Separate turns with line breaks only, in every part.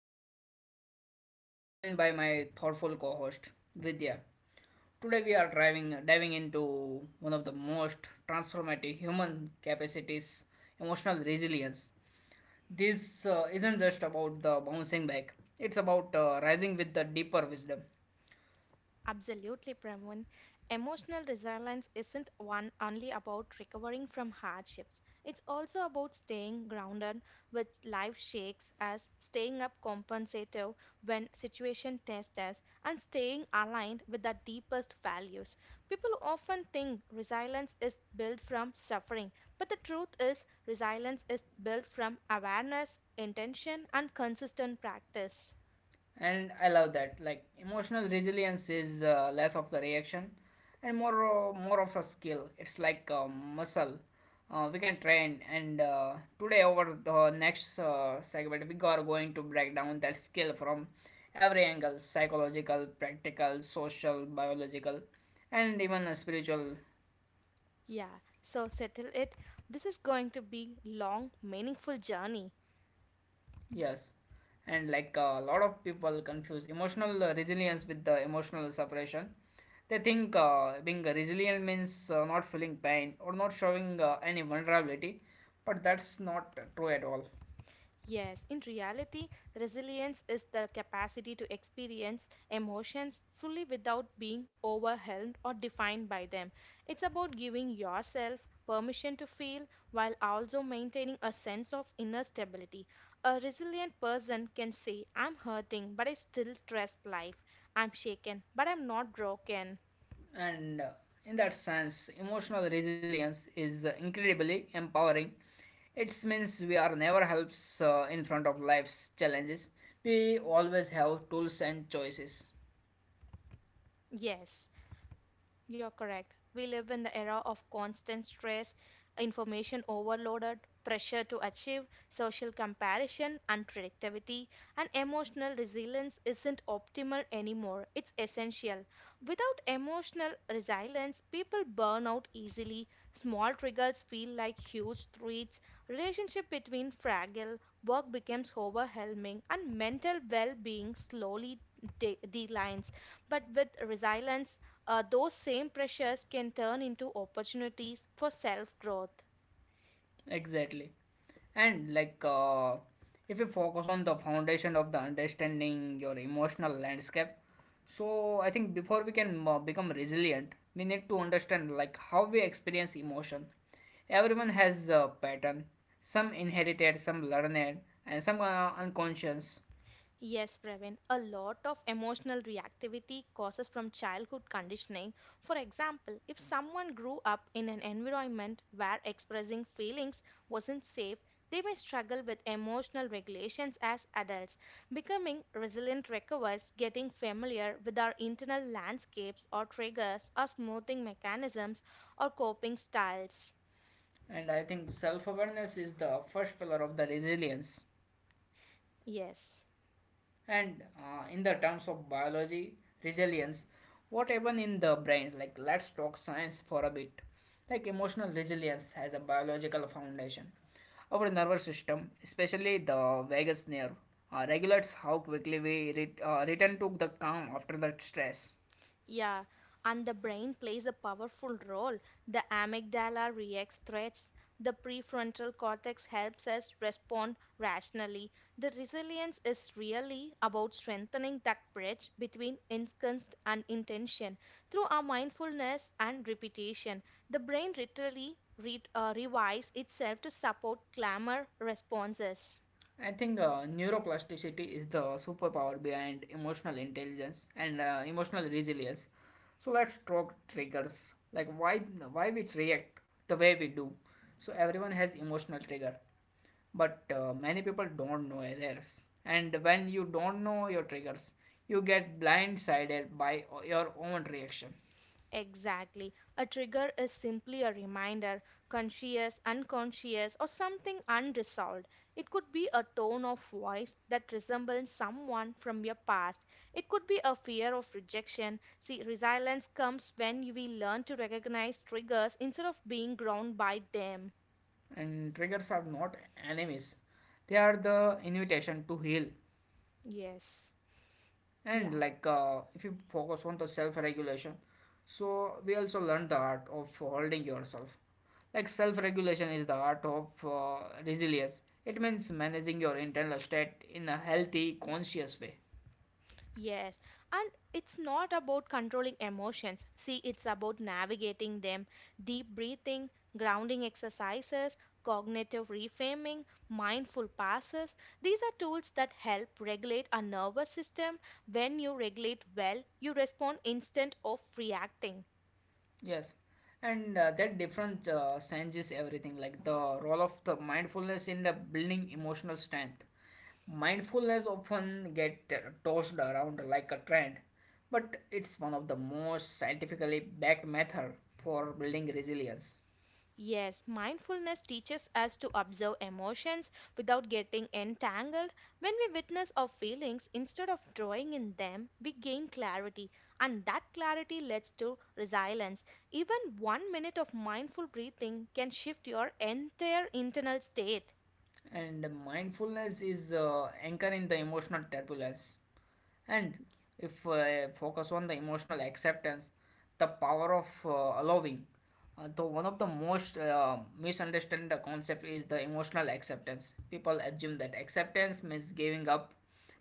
I'm your host Praveen and joined by my thoughtful co-host Vidya. Today we are driving diving into one of the most transformative human capacities, emotional resilience. This isn't just about the bouncing back. It's about rising with the deeper wisdom.
Absolutely, Pramun. Emotional resilience isn't one only about recovering from hardships. It's also about staying grounded when life shakes us, staying up compensative when situation tests us, and staying aligned with our deepest values. People often think resilience is built from suffering, but the truth is resilience is built from awareness, intention, and consistent practice.
And I love that, like emotional resilience is, less of the reaction and more of a skill. It's like a muscle we can train, and today over the next segment we are going to break down that skill from every angle: psychological, practical, social, biological, and even spiritual.
Yeah, so settle it. This is going to be long, meaningful journey.
Yes, and like a lot of people confuse emotional resilience with the emotional suppression. They think being resilient means not feeling pain or not showing any vulnerability, but that's not true at all.
Yes, in reality, resilience is the capacity to experience emotions fully without being overwhelmed or defined by them. It's about giving yourself permission to feel while also maintaining a sense of inner stability. A resilient person can say, I'm hurting, but I still trust life. I'm shaken, but I'm not broken.
And in that sense, emotional resilience is incredibly empowering. It means we are never helps in front of life's challenges. We always have tools and choices.
Yes. You're correct. We live in the era of constant stress, information overloaded, pressure to achieve, social comparison, unpredictability, and emotional resilience isn't optimal anymore. It's essential. Without emotional resilience, people burn out easily. Small triggers feel like huge threats. Relationship between fragile, work becomes overwhelming, and mental well-being slowly declines. But with resilience, those same pressures can turn into opportunities for self growth.
Exactly. And like, if you focus on the foundation of the understanding your emotional landscape, so I think before we can become resilient, we need to understand like how we experience emotion. Everyone has a pattern, some inherited, some learned, and some are unconscious.
Yes, Praveen, a lot of emotional reactivity causes from childhood conditioning. For example, if someone grew up in an environment where expressing feelings wasn't safe, they may struggle with emotional regulations as adults. Becoming resilient requires getting familiar with our internal landscapes or triggers or smoothing mechanisms or coping styles.
And I think self-awareness is the first pillar of the resilience.
Yes.
And in the terms of biology resilience, what happen in the brain? Like let's talk science for a bit. Like emotional resilience has a biological foundation. Our nervous system, especially the vagus nerve, regulates how quickly we return to the calm after the stress.
Yeah, and the brain plays a powerful role. The amygdala reacts threats. The prefrontal cortex helps us respond rationally. The resilience is really about strengthening that bridge between instinct and intention through our mindfulness and repetition. The brain literally revives itself to support clamor responses.
I think neuroplasticity is the superpower behind emotional intelligence and emotional resilience. So let's talk triggers, like why we react the way we do. So everyone has emotional trigger, but many people don't know theirs. And when you don't know your triggers, you get blindsided by your own reaction.
Exactly. A trigger is simply a reminder, conscious, unconscious, or something unresolved. It could be a tone of voice that resembles someone from your past. It could be a fear of rejection. See, resilience comes when we learn to recognize triggers instead of being ground by them.
And triggers are not enemies; they are the invitation to heal.
Yes.
And
Yeah.
like, if you focus on the self-regulation, so we also learn the art of holding yourself. Like self-regulation is the art of, resilience. It means managing your internal state in a healthy, conscious way.
Yes, and it's not about controlling emotions. See, it's about navigating them. Deep breathing, grounding exercises, cognitive reframing, mindful passes. These are tools that help regulate our nervous system. When you regulate well, you respond instead of reacting.
Yes, and that difference changes everything. Like the role of the mindfulness in the building emotional strength. Mindfulness often get tossed around like a trend, but it's one of the most scientifically backed method for building resilience.
Yes, mindfulness teaches us to observe emotions without getting entangled. When we witness our feelings, instead of drawing in them, we gain clarity, and that clarity leads to resilience. Even 1 minute of mindful breathing can shift your entire internal state.
And mindfulness is anchored in the emotional turbulence. And if focus on the emotional acceptance, the power of allowing. Though one of the most misunderstood concept is the emotional acceptance. People assume that acceptance means giving up,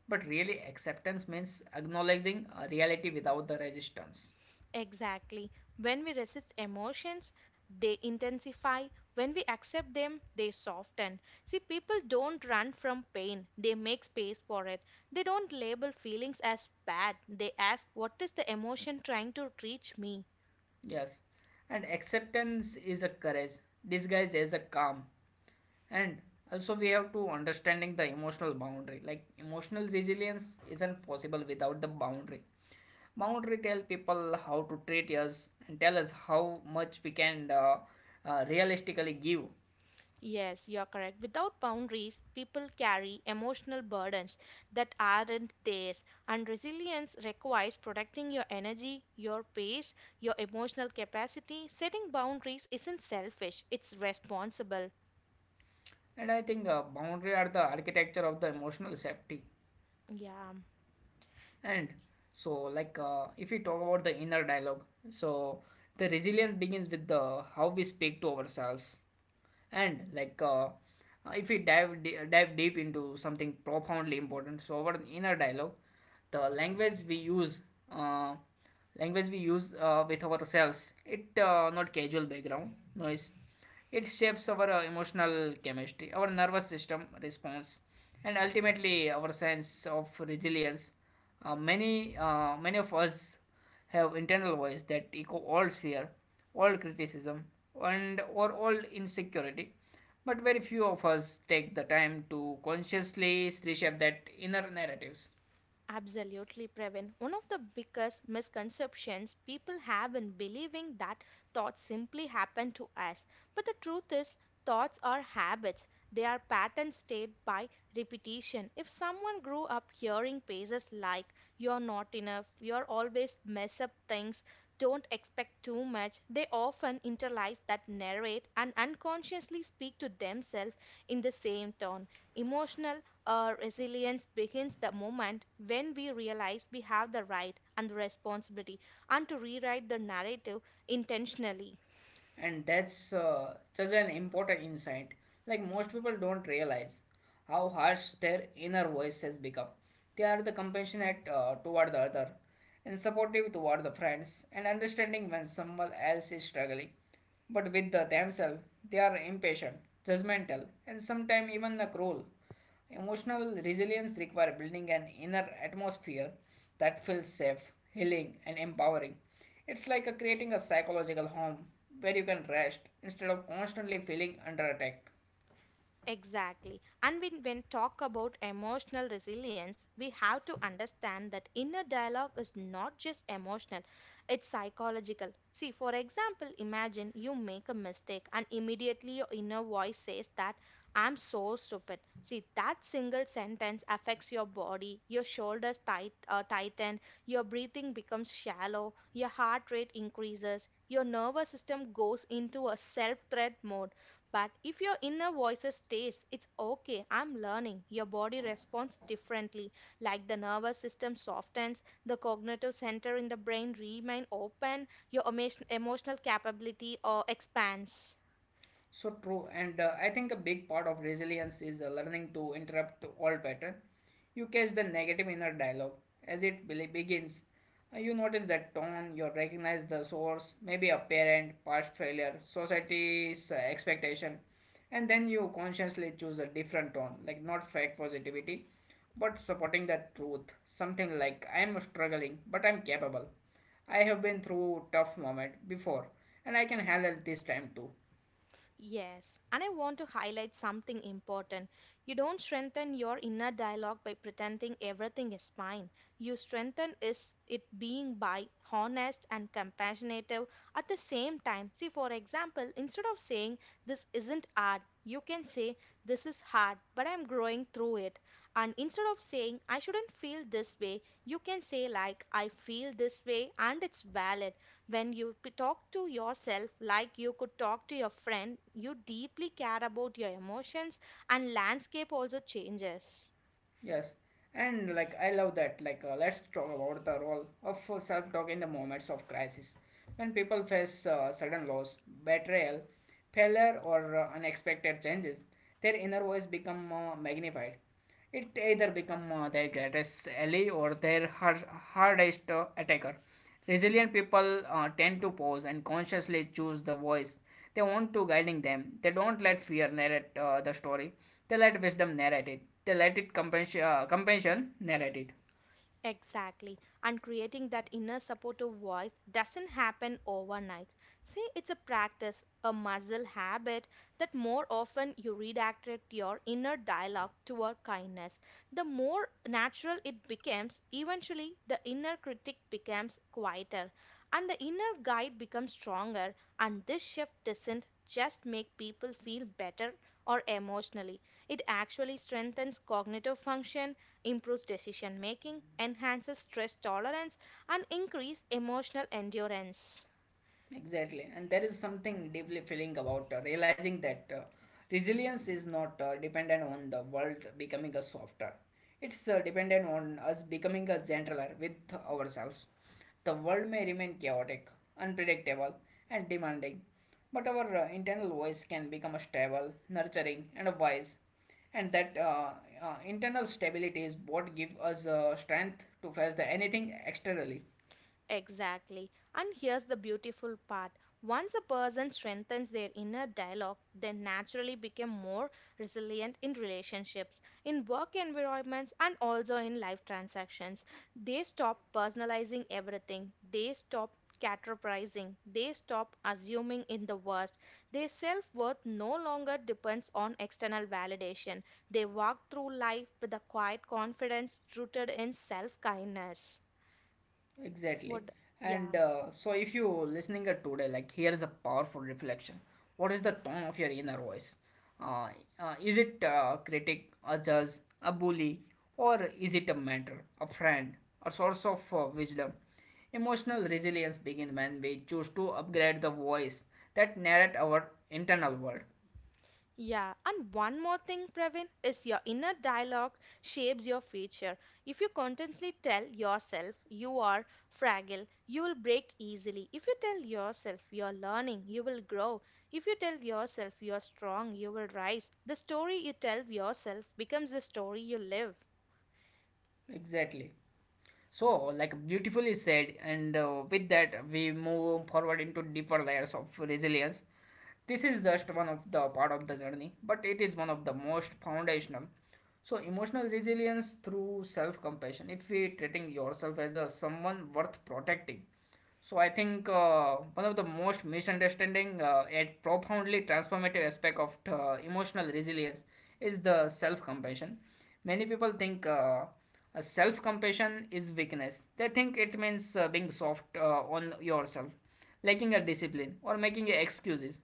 but really acceptance means acknowledging a reality without the resistance.
Exactly. When we resist emotions, they intensify. When we accept them, they soften. See, people don't run from pain, they make space for it. They don't label feelings as bad, they ask, what is the emotion trying to reach me?
Yes, and acceptance is a courage disguised as a calm. And also, we have to understanding the emotional boundary. Like emotional resilience isn't possible without the boundary. Boundary tell people how to treat us and tell us how much we can, realistically give.
Yes, you're correct. Without boundaries, people carry emotional burdens that aren't theirs, and resilience requires protecting your energy, your pace, your emotional capacity. Setting boundaries isn't selfish, it's responsible.
And I think boundary are the architecture of the emotional safety.
Yeah.
And so, like, if we talk about the inner dialogue, so the resilience begins with the how we speak to ourselves, and like, if we dive deep into something profoundly important, so our inner dialogue, the language we use, uh, with ourselves, it, not casual background noise. It shapes our emotional chemistry, our nervous system response, and ultimately our sense of resilience. Many of us have internal voice that echo all fear, all criticism, and or all insecurity. But very few of us take the time to consciously reshape that inner narratives.
Absolutely, Pravin. One of the biggest misconceptions people have in believing that thoughts simply happen to us. But the truth is, thoughts are habits. They are patterns stayed by repetition. If someone grew up hearing phrases like, you're not enough, you're always mess up things, don't expect too much, they often internalize that narrate and unconsciously speak to themselves in the same tone. Emotional resilience begins the moment when we realize we have the right and the responsibility and to rewrite the narrative intentionally.
And that's such an important insight. Like most people don't realize how harsh their inner voice has become. They are the compassionate toward the other and supportive toward the friends and understanding when someone else is struggling, but with the themselves they are impatient, judgmental, and sometimes even the cruel. Emotional resilience requires building an inner atmosphere that feels safe, healing, and empowering. It's like a creating a psychological home where you can rest instead of constantly feeling under attack.
Exactly. And when talk about emotional resilience, we have to understand that inner dialogue is not just emotional, it's psychological. See, for example, imagine you make a mistake and immediately your inner voice says that I'm so stupid. See, that single sentence affects your body, your shoulders tighten, your breathing becomes shallow, your heart rate increases, your nervous system goes into a self-threat mode, but if your inner voice stays, it's okay, I'm learning. Your body responds differently. Like the nervous system softens, the cognitive center in the brain remain open, your emotional capability expands.
So true, and I think a big part of resilience is learning to interrupt all pattern. You catch the negative inner dialogue as it begins. You notice that tone. You recognize the source, maybe a parent, past failure, society's expectation, and then you consciously choose a different tone, like not fake positivity, but supporting the truth. Something like I am struggling, but I'm capable. I have been through tough moment before and I can handle this time too.
Yes, and I want to highlight something important. You don't strengthen your inner dialogue by pretending everything is fine. You strengthen is it being by honest and compassionate at the same time. See, for example, instead of saying this isn't hard, you can say this is hard, but I'm growing through it. And instead of saying I shouldn't feel this way, you can say like I feel this way and it's valid. When you talk to yourself like you could talk to your friend, you deeply care about your emotions, and landscape also changes.
Yes, and like I love that. Like, let's talk about the role of self talk in the moments of crisis. When people face sudden loss, betrayal, failure, or unexpected changes, their inner voice become magnified. It either become their greatest ally or their hardest attacker. Resilient people tend to pause and consciously choose the voice they want to guiding them. They don't let fear narrate the story. They let wisdom narrate it. They let it compassion, compassion narrate it.
Exactly. And creating that inner supportive voice doesn't happen overnight. Say it's a practice, a muscle habit that more often you redirect your inner dialogue toward kindness. The more natural it becomes, eventually the inner critic becomes quieter and the inner guide becomes stronger. And this shift doesn't just make people feel better or emotionally, it actually strengthens cognitive function, improves decision making, enhances stress tolerance, and increases emotional endurance.
Exactly, and there is something deeply feeling about realizing that resilience is not dependent on the world becoming a softer. It's dependent on us becoming a gentler with ourselves. The world may remain chaotic, unpredictable, and demanding, but our internal voice can become a stable, nurturing, and a wise. And that, internal stability is what gives us strength to face the anything externally.
Exactly. And here's the beautiful part. Once a person strengthens their inner dialogue, they naturally become more resilient in relationships, in work environments, and also in life transactions. They stop personalizing everything, they stop categorizing, they stop assuming in the worst. Their self worth no longer depends on external validation. They walk through life with a quiet confidence rooted in self kindness.
Exactly.
Would, yeah.
And so, if you listening it today, like here is a powerful reflection. What is the tone of your inner voice? Uh, is it a critic, a judge, a bully, or is it a mentor, a friend, a source of wisdom? Emotional resilience begins when we choose to upgrade the voice that narrate our internal world.
Yeah, and one more thing, Praveen, is your inner dialogue shapes your future. If you constantly tell yourself you are fragile, you will break easily. If you tell yourself you are learning, you will grow. If you tell yourself you are strong, you will rise. The story you tell yourself becomes the story you live.
Exactly. So, like beautifully said, and with that, we move forward into deeper layers of resilience. This is just one of the part of the journey, but it is one of the most foundational. So, emotional resilience through self compassion. If we treating yourself as a someone worth protecting, so I think one of the most misunderstanding yet profoundly transformative aspect of emotional resilience is the self-compassion. Many people think a self-compassion is weakness. They think it means being soft on yourself, lacking a discipline, or making excuses.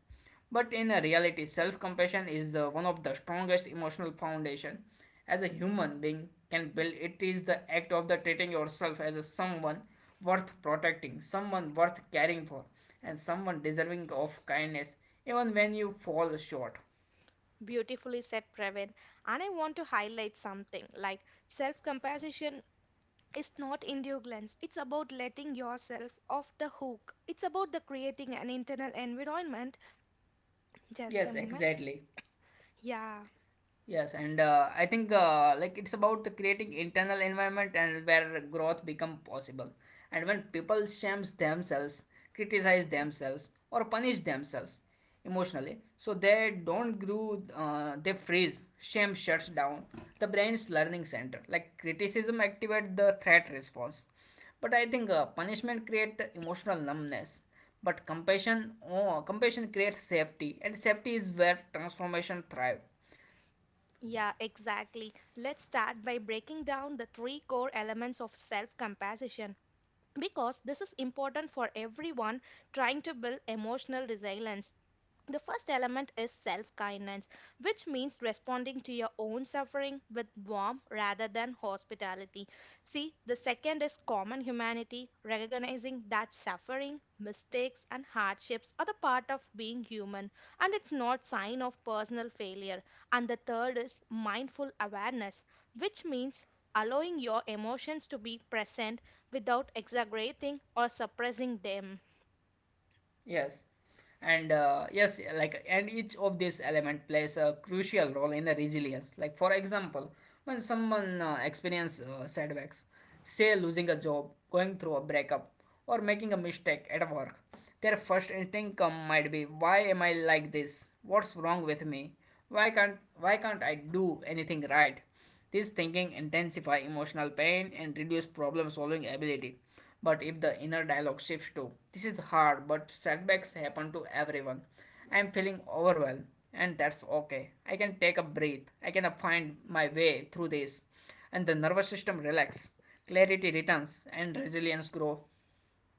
But in reality, self-compassion is the one of the strongest emotional foundation as a human being can build. It is the act of the treating yourself as a someone worth protecting, someone worth caring for, and someone deserving of kindness, even when you fall short.
Beautifully said, Praveen. And I want to highlight something like self compassion, it's not endurance. It's about letting yourself off the hook. It's about the creating an internal environment. Just
Yes,
a moment.
exactly.
Yeah,
Yes, and I think, like it's about the creating internal environment and where growth become possible. And when people shame themselves, criticize themselves, or punish themselves emotionally, so they don't grow. They freeze. Shame shuts down the brain's learning center. Like criticism activate the threat response, but I think punishment create the emotional numbness. But compassion, oh, compassion creates safety, and safety is where transformation thrive.
yeah, exactly. Let's start by breaking down the three core elements of self-compassion because this is important for everyone trying to build emotional resilience. The first element is self kindness, which means responding to your own suffering with warmth rather than hospitality. See, the second is common humanity, recognizing that suffering, mistakes, and hardships are the part of being human and it's not sign of personal failure. And the third is mindful awareness, which means allowing your emotions to be present without exaggerating or suppressing them.
Yes. And yes, like and each of these element plays a crucial role in the resilience. Like for example, when someone experiences setbacks, say losing a job, going through a breakup, or making a mistake at work, their first instinct come might be, "Why am I like this? What's wrong with me? Why can't I do anything right?" This thinking intensifies emotional pain and reduces problem solving ability. But if the inner dialogue shifts to this is hard, but setbacks happen to everyone. I am feeling overwhelmed, and that's okay. I can take a breath. I can find my way through this, and the nervous system relaxes. Clarity returns, and resilience grows.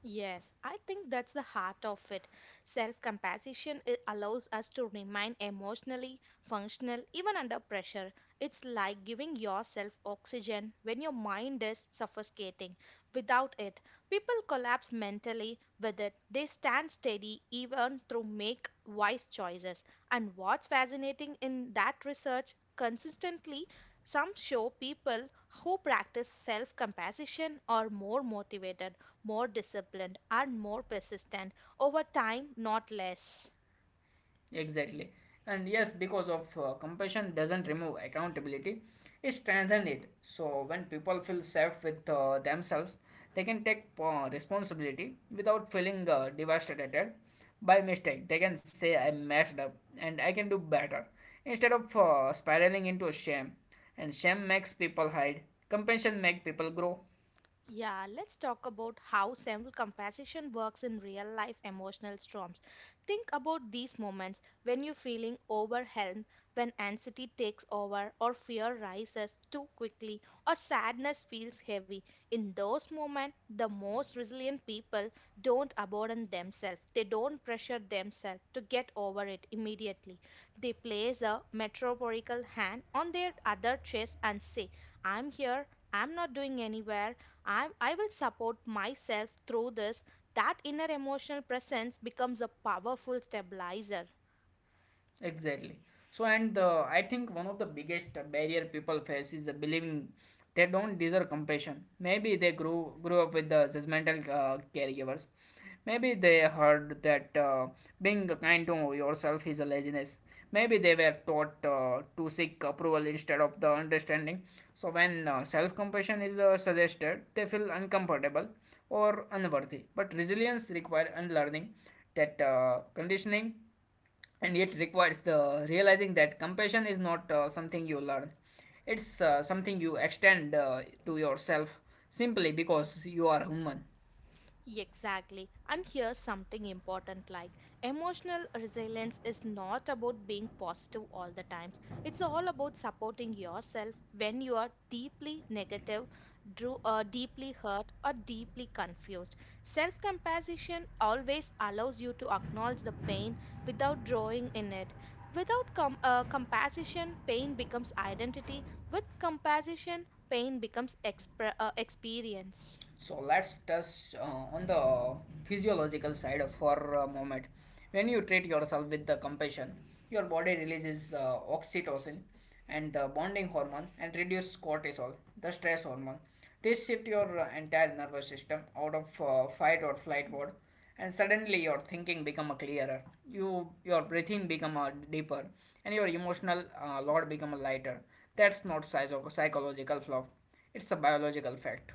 Yes, I think that's the heart of it. Self compassion allows us to remain emotionally functional even under pressure. It's like giving yourself oxygen when your mind is suffocating. Without it, people collapse mentally with it. They stand steady even through make wise choices. And what's fascinating in that research consistently some show people who practice self compassion are more motivated, more disciplined, and more persistent over time, not less.
Exactly. And yes, because of compassion doesn't remove accountability, it strengthens it. So when people feel safe with themselves, they can take responsibility without feeling devastated by mistake. They can say I messed up and I can do better instead of spiraling into shame. And shame makes people hide. Compassion makes people grow.
Yeah, let's talk about how self-compassion works in real-life emotional storms. Think about these moments when you're feeling overwhelmed, when anxiety takes over, or fear rises too quickly, or sadness feels heavy. In those moments, the most resilient people don't abandon themselves. They don't pressure themselves to get over it immediately. They place a metaphorical hand on their other chest and say, "I'm here. I'm not doing anywhere." I will support myself through this. That inner emotional presence becomes a powerful stabilizer.
Exactly. So, and I think one of the biggest barrier people face is the believing they don't deserve compassion. Maybe they grew up with the judgmental caregivers. Maybe they heard that being kind to yourself is a laziness. Maybe they were taught to seek approval instead of the understanding. So when self-compassion is suggested, they feel uncomfortable or unworthy. But resilience requires unlearning that conditioning, and yet requires the realizing that compassion is not something you learn, it's something you extend to yourself simply because you are human.
Exactly. And here's something important like emotional resilience is not about being positive all the time. It's all about supporting yourself when you are deeply negative, deeply hurt, or deeply confused. Self compassion always allows you to acknowledge the pain without drawing in it. Without compassion, pain becomes identity. With compassion, pain becomes experience.
So let's touch on the physiological side for a moment. When you treat yourself with the compassion, your body releases oxytocin and the bonding hormone and reduce cortisol, the stress hormone. This shift your entire nervous system out of fight or flight mode, and suddenly your thinking become a clearer. You your breathing become a deeper and your emotional load become a lighter. That's not size of psychological flaw. It's a biological fact.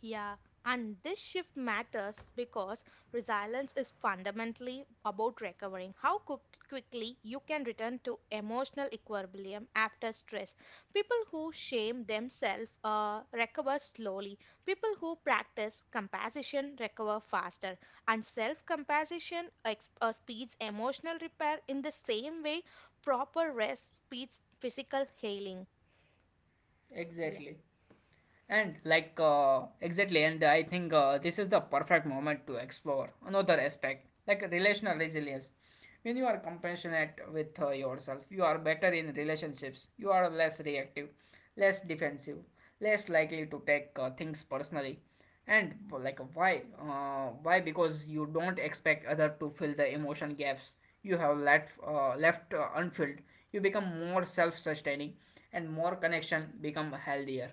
Yeah, and this shift matters because resilience is fundamentally about recovering how quickly you can return to emotional equilibrium after stress. People who shame themselves recover slowly. People who practice compassion recover faster. And self compassion speeds emotional repair in the same way proper rest speeds physical healing. Yeah.
Exactly. And like and I think this is the perfect moment to explore another aspect, like relational resilience. When you are compassionate with yourself, you are better in relationships. You are less reactive, less defensive, less likely to take things personally. And well, like why? Why? Because you don't expect other to fill the emotion gaps you have left unfilled. You become more self-sustaining, and more connection become healthier.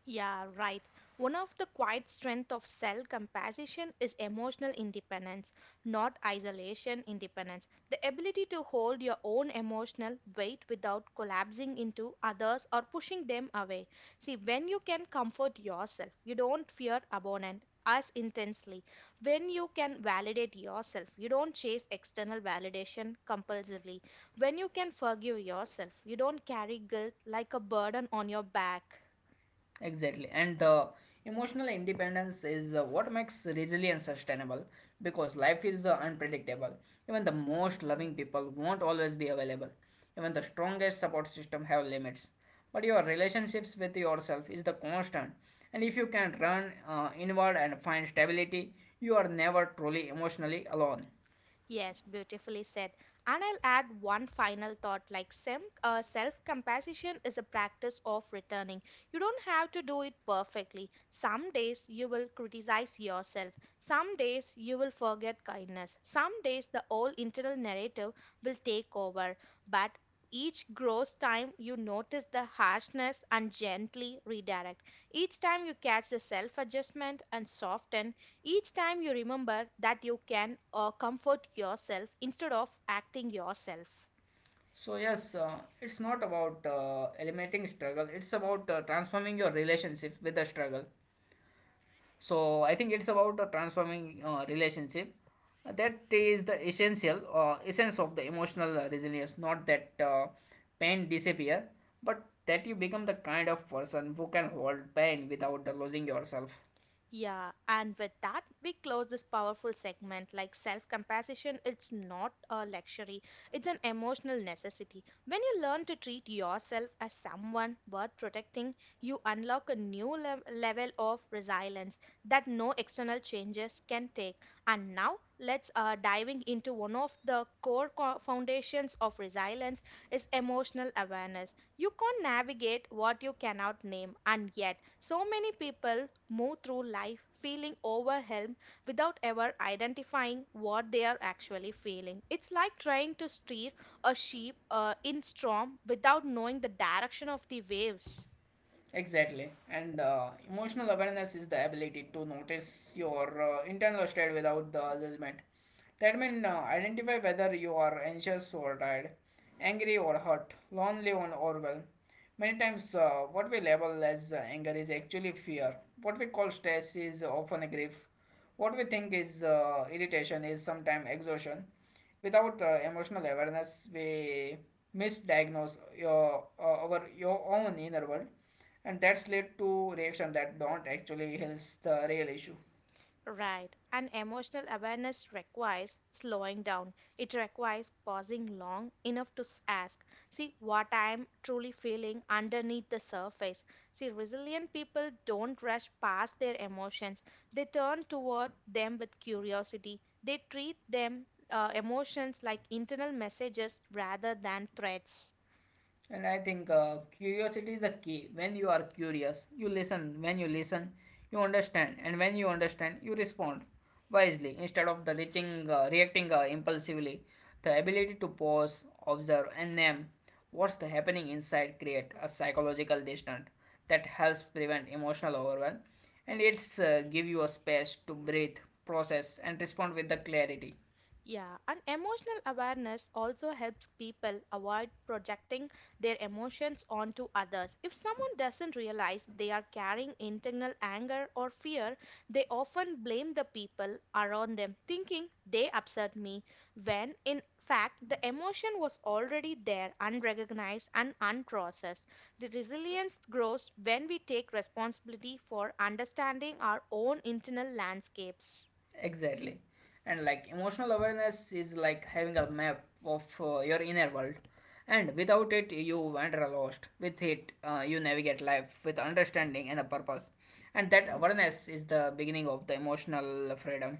Yeah, right. One of the quiet strength of self compassion is emotional independence, not isolation independence. The ability to hold your own emotional weight without collapsing into others or pushing them away. See, when you can comfort yourself, you don't fear abandonment as intensely. When you can validate yourself, you don't chase external validation compulsively. When you can forgive yourself, you don't carry guilt like a burden on your back.
Exactly. And the emotional independence is what makes resilience sustainable because life is unpredictable. Even the most loving people won't always be available. Even the strongest support system have limits. But your relationships with yourself is the constant. And if you can run inward and find stability, you are never truly emotionally alone.
Yes, beautifully said. And I'll add one final thought like self compassion is a practice of returning. You don't have to do it perfectly. Some days you will criticize yourself. Some days you will forget kindness. Some days the old internal narrative will take over. But each grows time you notice the harshness and gently redirect. Each time you catch the self adjustment and soften, each time you remember that you can comfort yourself instead of acting yourself.
So yes, it's not about eliminating struggle. It's about transforming your relationship with the struggle. So I think it's about transforming relationship. That is the essential essence of the emotional resilience, not that pain disappear, but that you become the kind of person who can hold pain without losing yourself.
Yeah, and with that, we close this powerful segment. Like self compassion, it's not a luxury, it's an emotional necessity. When you learn to treat yourself as someone worth protecting, you unlock a new level of resilience that no external changes can take. And now, let's diving into one of the core foundations of resilience is emotional awareness. You can't navigate what you cannot name, and yet so many people move through life feeling overwhelmed without ever identifying what they are actually feeling. It's like trying to steer a sheep in storm without knowing the direction of the waves.
Exactly. And emotional awareness is the ability to notice your internal state without the judgment. That means identify whether you are anxious or tired, angry or hurt, lonely or overwhelmed. Many times, what we label as anger is actually fear. What we call stress is often a grief. What we think is irritation is sometimes exhaustion. Without emotional awareness, we misdiagnose your own inner world, and that's led to reaction that don't actually helps the real issue.
Right. And emotional awareness requires slowing down. It requires pausing long enough to ask, see what I'm truly feeling underneath the surface. See, resilient people don't rush past their emotions, they turn toward them with curiosity. They treat them emotions like internal messages rather than threats.
And I think curiosity is the key. When you are curious you listen, when you listen you understand, and when you understand you respond wisely instead of the reaching reacting impulsively. The ability to pause, observe and name what's the happening inside create a psychological distance that helps prevent emotional overwhelm, and it's give you a space to breathe, process and respond with the clarity.
Yeah, and emotional awareness also helps people avoid projecting their emotions onto others. If someone doesn't realize they are carrying internal anger or fear, they often blame the people around them, thinking they upset me, when in fact the emotion was already there, unrecognized and unprocessed. The resilience grows when we take responsibility for understanding our own internal landscapes.
Exactly. And like emotional awareness is like having a map of your inner world. And without it, you wander lost. With it, you navigate life with understanding and a purpose. And that awareness is the beginning of the emotional freedom.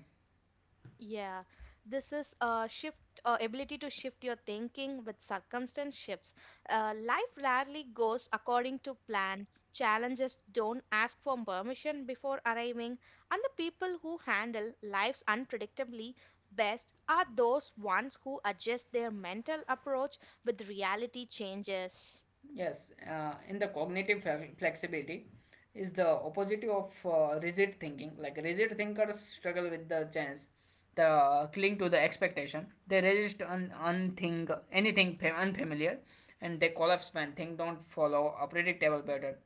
Yeah, this is a shift, ability to shift your thinking with circumstance shifts. Life rarely goes according to plan. Challenges don't ask for permission before arriving, and the people who handle life's unpredictably best are those ones who adjust their mental approach with reality changes.
Yes, in the flexibility is the opposite of rigid thinking. Like rigid thinkers struggle with the chance, the cling to the expectation. They resist unthink anything unfamiliar, and they collapse when things don't follow a predictable pattern.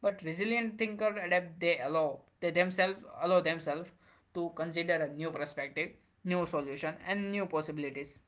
But resilient thinker adapt. They themselves allow themselves to consider a new perspective, new solution, and new possibilities.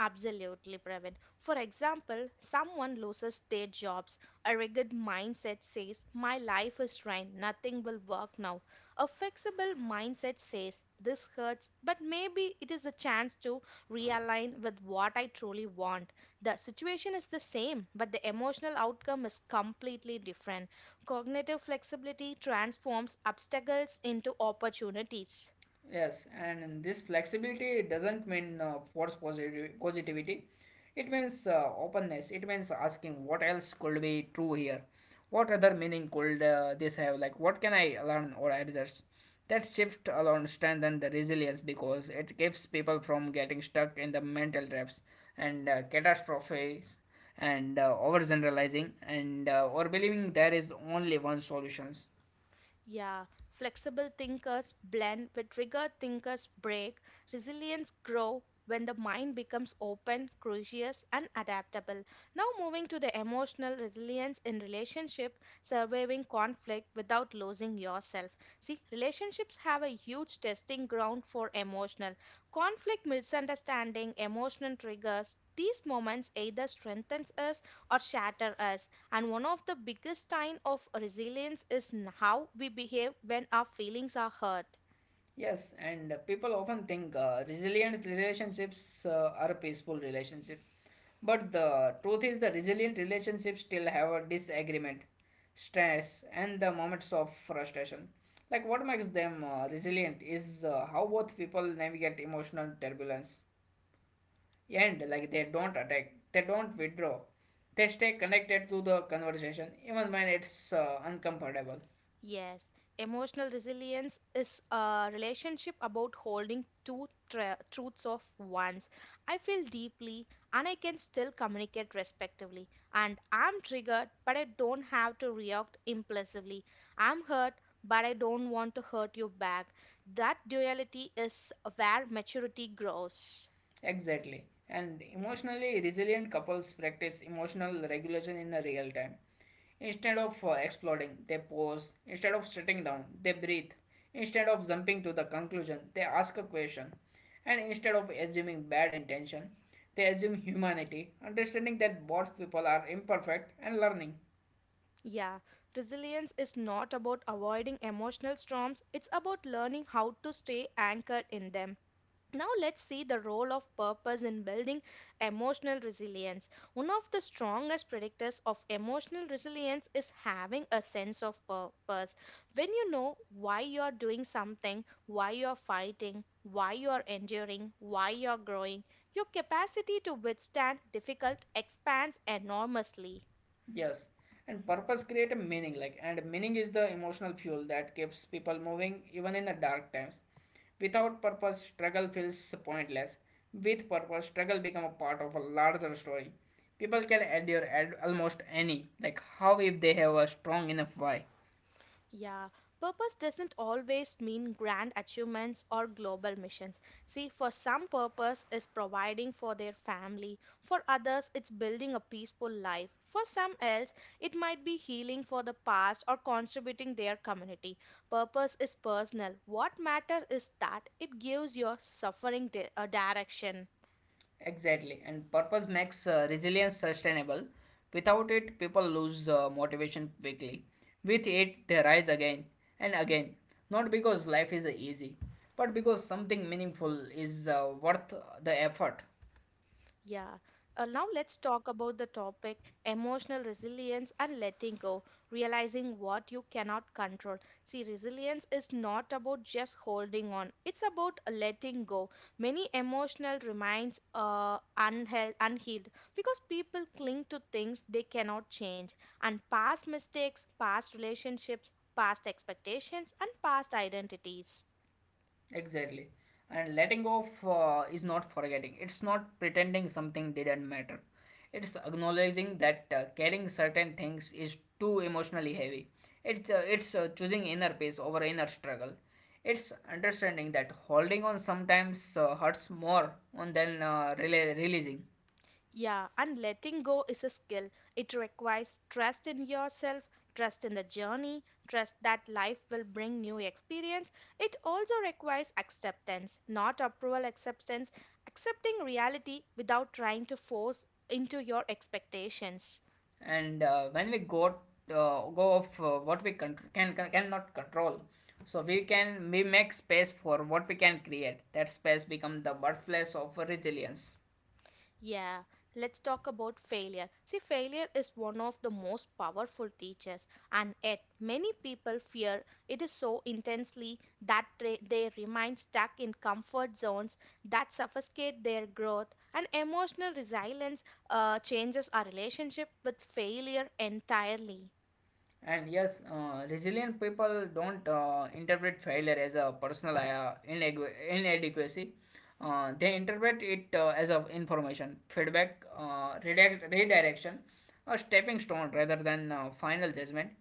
Absolutely, Praveen. For example, someone loses their jobs. A rigid mindset says, my life is ruined, nothing will work now. A flexible mindset says, this hurts, but maybe it is a chance to realign with what I truly want. The situation is the same, but the emotional outcome is completely different. Cognitive flexibility transforms obstacles into opportunities.
Yes, and this flexibility doesn't mean force positive positivity. It means openness. It means asking what else could be true here, what other meaning could this have? Like what can I learn or adjust? That shift alone strengthens the resilience because it keeps people from getting stuck in the mental traps and catastrophes and overgeneralizing, and or believing there is only one solutions.
Yeah, flexible thinkers blend with rigor thinkers break. Resilience grow when the mind becomes open, curious and adaptable. Now moving to the emotional resilience in relationship, surviving conflict without losing yourself. See, relationships have a huge testing ground for emotional conflict, misunderstanding, emotional triggers. These moments either strengthens us or shatter us. And one of the biggest sign of resilience is how we behave when our feelings are hurt.
Yes, and people often think resilient relationships are a peaceful relationship. But the truth is, the resilient relationships still have a disagreement, stress, and the moments of frustration. Like, what makes them resilient is how both people navigate emotional turbulence. And, like, they don't attack, they don't withdraw, they stay connected to the conversation even when it's uncomfortable.
Yes, emotional resilience is a relationship about holding two truths of ones. I feel deeply and I can still communicate respectively. And I'm triggered, but I don't have to react impulsively. I'm hurt, but I don't want to hurt you back. That duality is where maturity grows.
Exactly. And emotionally resilient couples practice emotional regulation in the real time. Instead of exploding, they pause. Instead of sitting down, they breathe. Instead of jumping to the conclusion, they ask a question. And instead of assuming bad intention, they assume humanity, understanding that both people are imperfect and learning.
Yeah, resilience is not about avoiding emotional storms, it's about learning how to stay anchored in them. Now, let's see the role of purpose in building emotional resilience. One of the strongest predictors of emotional resilience is having a sense of purpose. When you know why you are doing something, why you are fighting, why you are enduring, why you are growing, your capacity to withstand difficult expands enormously.
Yes, and purpose create a meaning, like, and meaning is the emotional fuel that keeps people moving even in the dark times. Without purpose, struggle feels pointless. With purpose, struggle become a part of a larger story. People can endure almost any like how if they have a strong enough why.
Yeah, purpose doesn't always mean grand achievements or global missions. See, for some purpose is providing for their family, for others it's building a peaceful life. For some else it might be healing for the past or contributing their community. Purpose is personal. What matter is that it gives your suffering a direction.
Exactly, and purpose makes resilience sustainable. Without it, people lose motivation quickly. With it, they rise again and again. Not because life is easy, but because something meaningful is worth the effort.
Yeah. Now let's talk about the topic emotional resilience and letting go, realizing what you cannot control. See, resilience is not about just holding on, it's about letting go. Many emotional remains unhealed because people cling to things they cannot change, and past mistakes, past relationships, past expectations, and past identities.
Exactly. And letting go of is not forgetting. It's not pretending something didn't matter. It's acknowledging that carrying certain things is too emotionally heavy. It's choosing inner peace over inner struggle. It's understanding that holding on sometimes hurts more on than releasing.
Yeah, and letting go is a skill. It requires trust in yourself, trust in the journey, trust that life will bring new experience. It also requires acceptance, not approval acceptance, accepting reality without trying to force into your expectations.
And when we go go of what we cannot control, so we can we make space for what we can create. That space become the birthplace of resilience.
Yeah, let's talk about failure. See, failure is one of the most powerful teachers, and yet many people fear it is so intensely that they remain stuck in comfort zones that suffocate their growth. And emotional resilience changes our relationship with failure entirely.
And yes, resilient people don't interpret failure as a personal inadequacy. They interpret it as a information, feedback, redirection, a stepping stone rather than final judgment,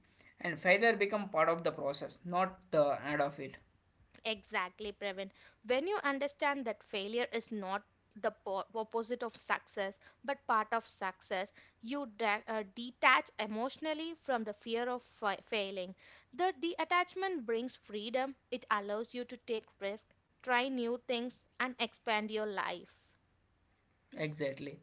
and failure become part of the process, not the end of it.
Exactly, Previn. When you understand that failure is not the opposite of success, but part of success, detach emotionally from the fear of failing. The detachment brings freedom, it allows you to take risks, try new things, and expand your life.
Exactly.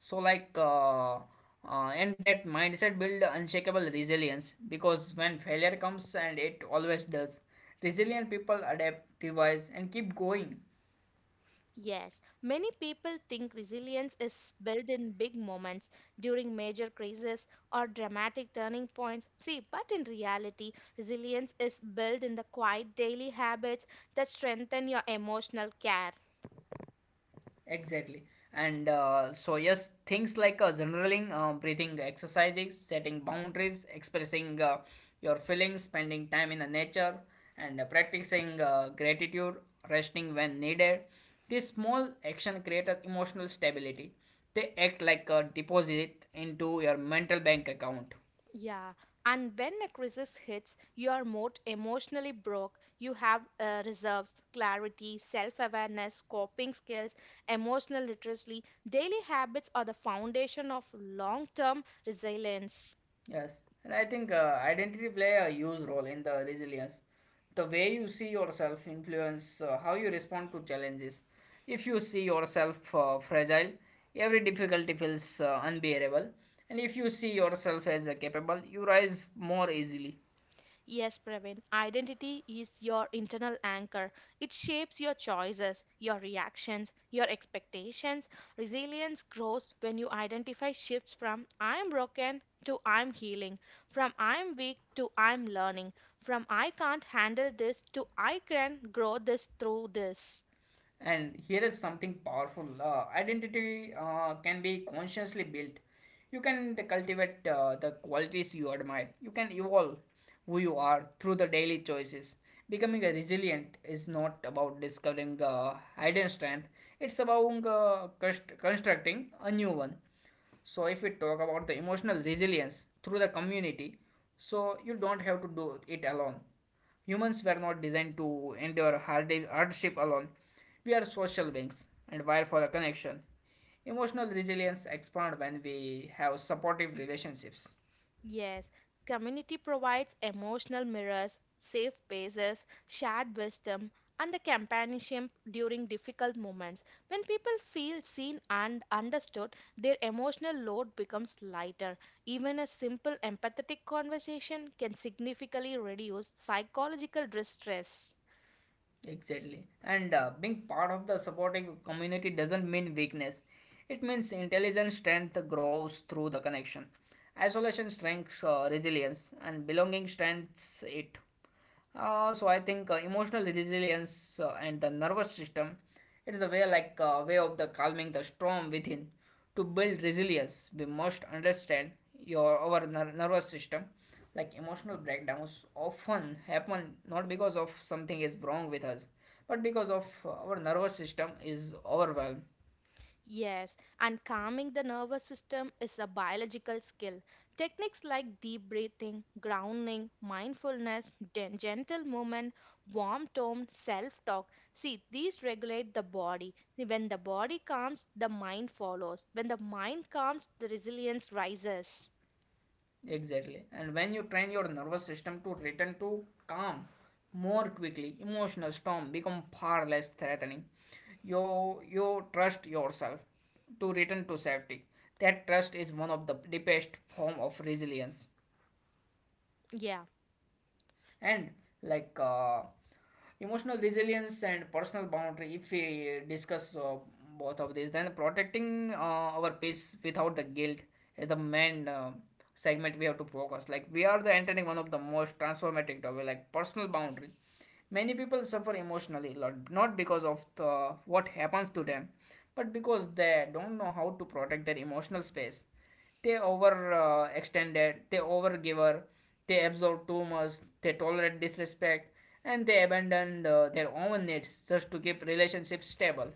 So like and that mindset build unshakable resilience, because when failure comes, and it always does, resilient people adapt, revise and keep going.
Yes, many people think resilience is built in big moments during major crises or dramatic turning points. See, but in reality, resilience is built in the quiet daily habits that strengthen your emotional care.
Exactly. And so, yes, things like journaling, breathing exercises, setting boundaries, expressing your feelings, spending time in the nature, and practicing gratitude, resting when needed. These small action create a emotional stability. They act like a deposit into your mental bank account.
Yeah, and when a crisis hits, you are more emotionally broke. You have reserves, clarity, self awareness, coping skills, emotional literacy. Daily habits are the foundation of long term resilience.
Yes, and I think identity play a huge role in the resilience. The way you see yourself influence how you respond to challenges. If you see yourself fragile, every difficulty feels unbearable, and if you see yourself as capable, you rise more easily.
Yes, Praveen, identity is your internal anchor. It shapes your choices, your reactions, your expectations. Resilience grows when you identify shifts from I am broken to I am healing, from I am weak to I am learning, from I can't handle this to I can grow this through this.
And here is something powerful, identity can be consciously built. You can cultivate the qualities you admire. You can evolve who you are through the daily choices. Becoming a resilient is not about discovering hidden strength, it's about constructing a new one. So, if we talk about the emotional resilience through the community, so you don't have to do it alone. Humans were not designed to endure hardship alone. We are social beings and wired for a connection. Emotional resilience expands when we have supportive relationships.
Yes, community provides emotional mirrors, safe spaces, shared wisdom, and the companionship during difficult moments. When people feel seen and understood, their emotional load becomes lighter. Even a simple empathetic conversation can significantly reduce psychological distress.
Exactly. And being part of the supporting community doesn't mean weakness. It means intelligent strength grows through the connection. Isolation strengths resilience, and belonging strengths it. So I think emotional resilience and the nervous system, it's the way, like way of the calming the storm within. To build resilience we must understand your our ner- nervous system. Like emotional breakdowns often happen not because of something is wrong with us, but because of our nervous system is overwhelmed.
Yes, and calming the nervous system is a biological skill. Techniques like deep breathing, grounding, mindfulness, gentle movement, warm tone, self talk. See, these regulate the body. When the body calms, the mind follows. When the mind calms, the resilience rises.
Exactly, and when you train your nervous system to return to calm more quickly, emotional storm become far less threatening. You you trust yourself to return to safety. That trust is one of the deepest form of resilience.
Yeah,
And like emotional resilience and personal boundary, if we discuss both of these, then protecting our peace without the guilt is the main segment we have to focus. Like we are the entering one of the most transformative topic, like personal boundary. Many people suffer emotionally a lot, not because of the, what happens to them, but because they don't know how to protect their emotional space. They over extended, they overgive her, they absorb too much, they tolerate disrespect, and they abandon their own needs just to keep relationships stable.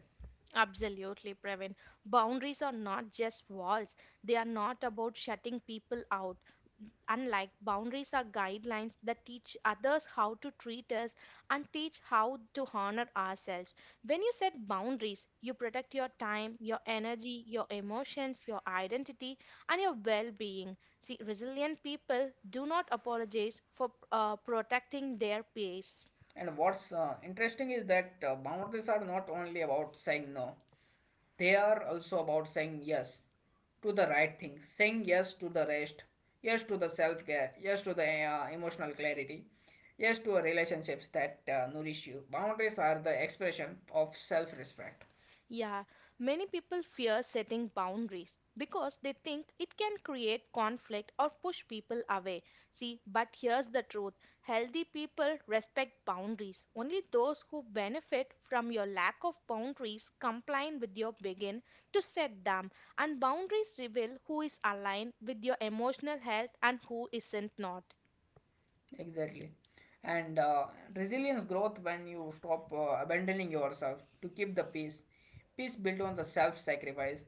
absolutely, Praveen. Boundaries are not just walls, they are not about shutting people out. Unlike boundaries are guidelines that teach others how to treat us and teach how to honor ourselves. When you set boundaries, you protect your time, your energy, your emotions, your identity, and your well being. See, resilient people do not apologize for protecting their peace.
And what's interesting is that boundaries are not only about saying no, they are also about saying yes to the right thing, saying yes to the rest, yes to the self care, yes to the emotional clarity, yes to relationships that nourish you. Boundaries are the expression of self respect.
Yeah, many people fear setting boundaries because they think it can create conflict or push people away. See, but here's the truth healthy people respect boundaries. Only those who benefit from your lack of boundaries complain with your begin to set them, and boundaries reveal who is aligned with your emotional health and who isn't not.
Exactly. And resilience growth when you stop abandoning yourself to keep the peace. Peace built on the self sacrifice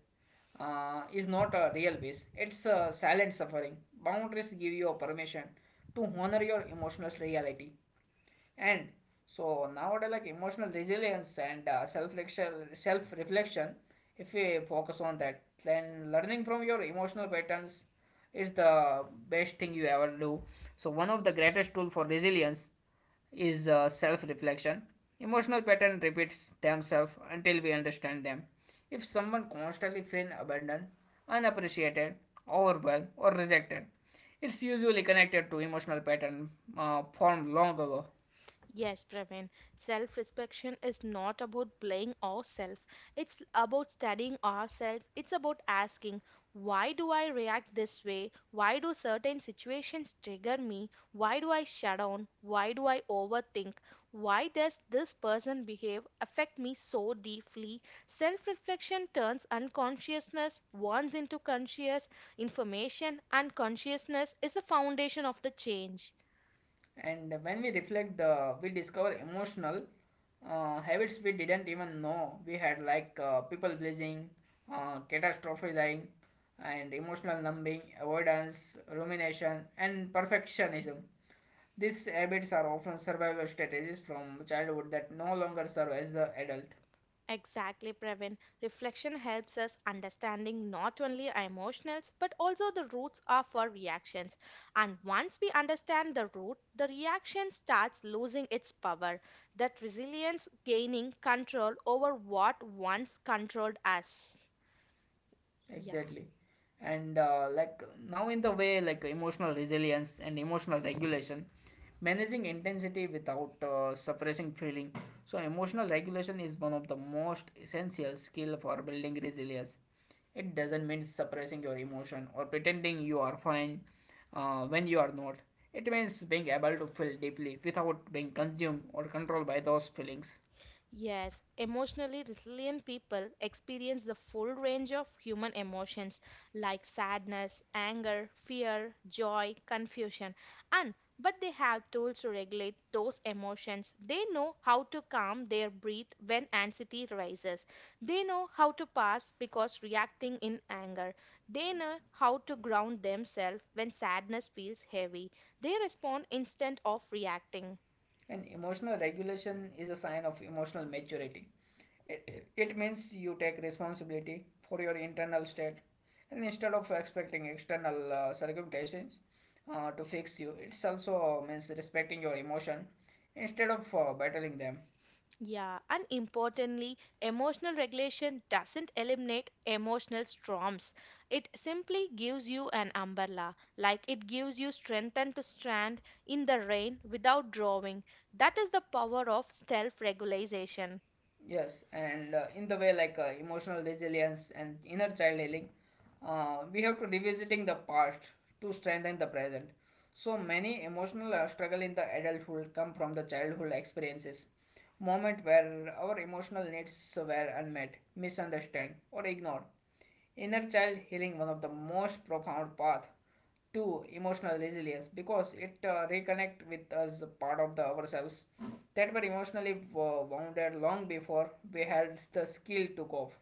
is not a real peace, it's a silent suffering. Boundaries give you a permission to honor your emotional reality. And so nowadays, like emotional resilience and self-reflection, if we focus on that, then learning from your emotional patterns is the best thing you ever do. So one of the greatest tool for resilience is self-reflection. Emotional pattern repeats themselves until we understand them. If someone constantly feels abandoned, unappreciated, overwhelmed, or rejected, it's usually connected to emotional pattern formed long ago.
Yes, Praveen. Self reflection is not about blaming ourselves. It's about studying ourselves. It's about asking, why do I react this way? Why do certain situations trigger me? Why do I shut down? Why do I overthink? Why does this person behave affect me so deeply? Self reflection turns unconsciousness once into conscious information, and consciousness is the foundation of the change.
And when we reflect, the we discover emotional habits we didn't even know we had, like people pleasing, catastrophizing, and emotional numbing, avoidance, rumination, and perfectionism. These habits are often survival strategies from childhood that no longer serve as the adult.
Exactly, Pravin. Reflection helps us understanding not only our emotions but also the roots of our reactions. And once we understand the root, the reaction starts losing its power. That resilience gaining control over what once controlled us. Yeah.
Exactly. And like now, in the way like emotional resilience and emotional regulation, managing intensity without suppressing feeling. So, emotional regulation is one of the most essential skill for building resilience. It doesn't mean suppressing your emotion or pretending you are fine when you are not. It means being able to feel deeply without being consumed or controlled by those feelings.
Yes, emotionally resilient people experience the full range of human emotions like sadness, anger, fear, joy, confusion, and but they have tools to regulate those emotions. They know how to calm their breath when anxiety rises. They know how to pass because reacting in anger. They know how to ground themselves when sadness feels heavy. They respond instead of reacting.
And emotional regulation is a sign of emotional maturity. It means you take responsibility for your internal state and instead of expecting external circumstances to fix you, it also means respecting your emotion instead of battling them.
Yeah, and importantly, emotional regulation doesn't eliminate emotional storms. It simply gives you an umbrella, like it gives you strength and to stand in the rain without drawing. That is the power of self regulation.
Yes, and in the way like emotional resilience and inner child healing, we have to revisiting the past to strengthen the present. So many emotional struggle in the adulthood come from the childhood experiences, moment where our emotional needs were unmet, misunderstood, or ignored. Inner child healing one of the most profound path to emotional resilience because it reconnect with us part of the ourselves that were emotionally wounded long before we had the skill to cope.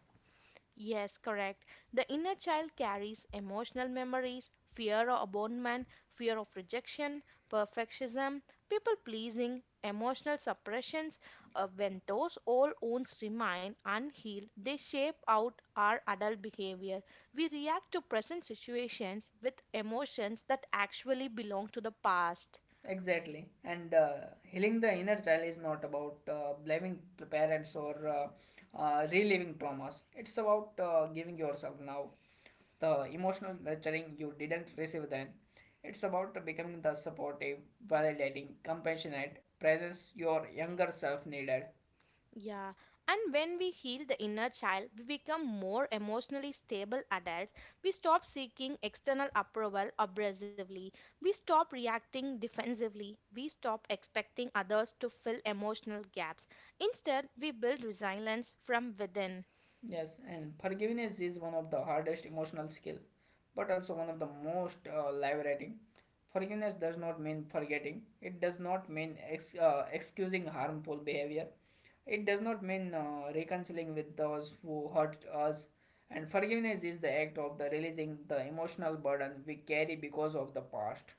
Yes, correct. The inner child carries emotional memories, fear of abandonment, fear of rejection, perfectionism, people pleasing, emotional suppressions. When those old wounds remain unhealed, they shape out our adult behavior. We react to present situations with emotions that actually belong to the past.
Exactly. And healing the inner child is not about blaming the parents or reliving traumas. It's about giving yourself now the emotional nurturing you didn't receive then. It's about becoming the supportive, validating, compassionate presence your younger self needed.
Yeah, and when we heal the inner child, we become more emotionally stable adults. We stop seeking external approval abrasively. We stop reacting defensively. We stop expecting others to fill emotional gaps. Instead, we build resilience from within.
Yes, and forgiveness is one of the hardest emotional skill, but also one of the most liberating. Forgiveness does not mean forgetting. It does not mean excusing harmful behavior. It does not mean reconciling with those who hurt us. And forgiveness is the act of the releasing the emotional burden we carry because of the past.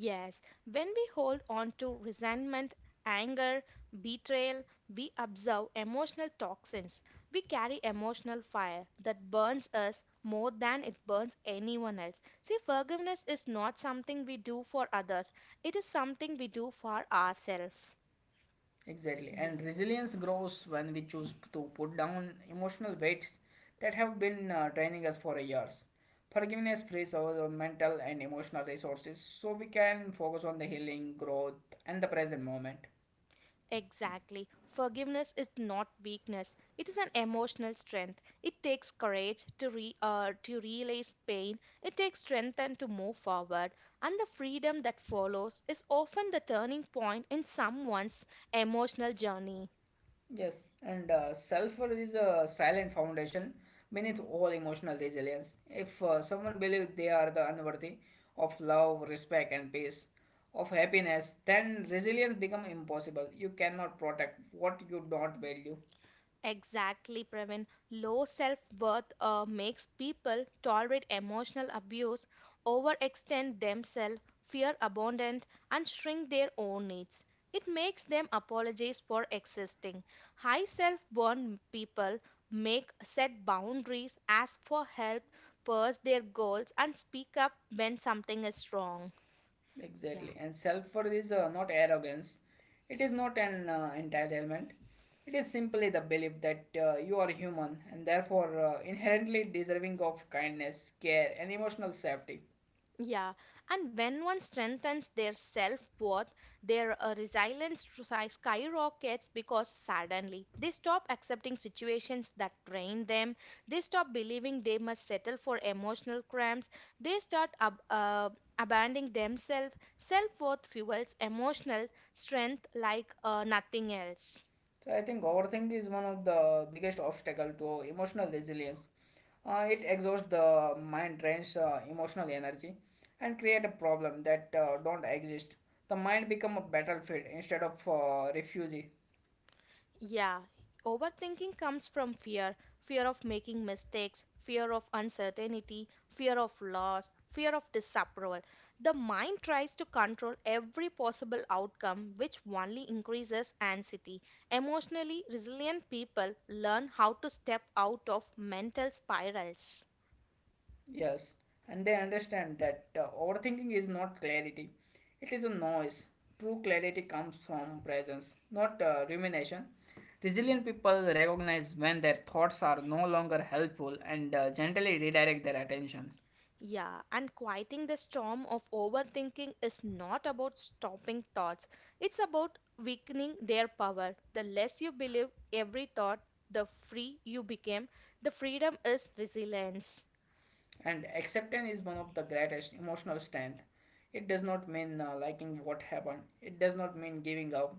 Yes, when we hold on to resentment, anger, betrayal, we absorb emotional toxins. We carry emotional fire that burns us more than it burns anyone else. See, forgiveness is not something we do for others, it is something we do for ourselves.
Exactly.
Yeah.
And resilience grows when we choose to put down emotional weights that have been training us for years. Forgiveness frees our mental and emotional resources so we can focus on the healing, growth, and the present moment.
Exactly. Forgiveness is not weakness. It is an emotional strength. It takes courage to re to realize pain. It takes strength and to move forward. And the freedom that follows is often the turning point in someone's emotional journey.
Yes, and self worth is a silent foundation beneath all emotional resilience. If someone believes they are the unworthy of love, respect, and peace, of happiness, then resilience becomes impossible. You cannot protect what you don't value.
Exactly, Pravin. Low self-worth makes people tolerate emotional abuse, overextend themselves, fear abandonment, and shrink their own needs. It makes them apologize for existing. High self-worth people make set boundaries, ask for help, pursue their goals, and speak up when something is wrong. Yeah.
Exactly. And self worth is not arrogance, it is not an entitlement. It is simply the belief that you are human and therefore inherently deserving of kindness, care, and emotional safety.
Yeah, and when one strengthens their self-worth, their resilience skyrockets because suddenly they stop accepting situations that drain them, they stop believing they must settle for emotional cramps, they start abandoning themselves. Self-worth fuels emotional strength like nothing else.
So I think overthink is one of the biggest obstacle to emotional resilience. It exhausts the mind, drains emotional energy, and create a problem that don't exist. The mind become a battlefield instead of refuge.
Yeah, overthinking comes from fear of making mistakes, fear of uncertainty, fear of loss, fear of disapproval. The mind tries to control every possible outcome, which only increases anxiety. Emotionally resilient people learn how to step out of mental spirals.
Yes, and they understand that overthinking is not clarity, it is a noise. True clarity comes from presence, not rumination. Resilient people recognize when their thoughts are no longer helpful and gently redirect their attentions.
Yeah, and quieting the storm of overthinking is not about stopping thoughts, it's about weakening their power. The less you believe every thought, the free you become. The freedom is resilience.
And acceptance is one of the greatest emotional strength. It does not mean liking what happened, it does not mean giving up.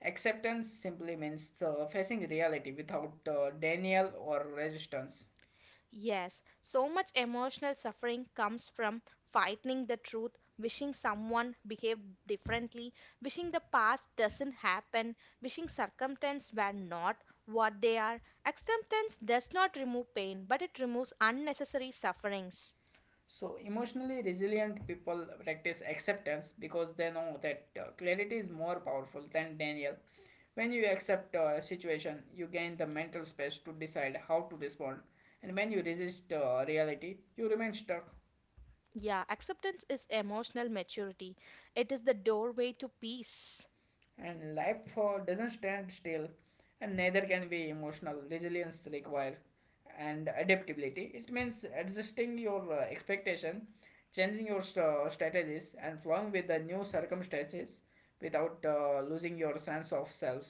Acceptance simply means facing reality without denial or resistance.
Yes, so much emotional suffering comes from fighting the truth, wishing someone behaved differently, wishing the past doesn't happen, wishing circumstances were not what they are. Acceptance does not remove pain, but it removes unnecessary sufferings.
So, emotionally resilient people practice acceptance because they know that clarity is more powerful than denial. When you accept a situation, you gain the mental space to decide how to respond, and when you resist reality, you remain stuck.
Yeah, acceptance is emotional maturity. It is the doorway to peace.
And life for doesn't stand still and neither can be emotional resilience required and adaptability it means adjusting your expectation changing your strategies and flowing with the new circumstances without losing your sense of self.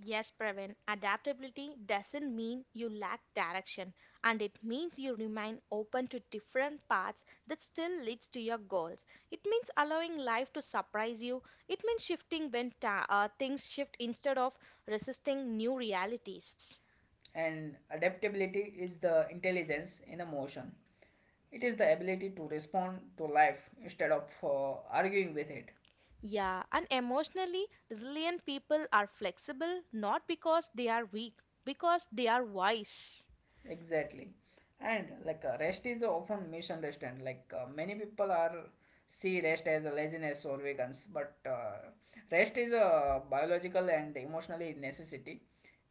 Yes, Praveen, adaptability doesn't mean you lack direction, and it means you remain open to different paths that still leads to your goals. It means allowing life to surprise you. It means shifting when things shift instead of resisting new realities.
And adaptability is the intelligence in the motion. It is the ability to respond to life instead of arguing with it.
Yeah, and emotionally resilient people are flexible not because they are weak, because they are wise.
Exactly. And like rest is often misunderstood. Like many people are see rest as a laziness or vegans, but rest is a biological and emotionally necessity.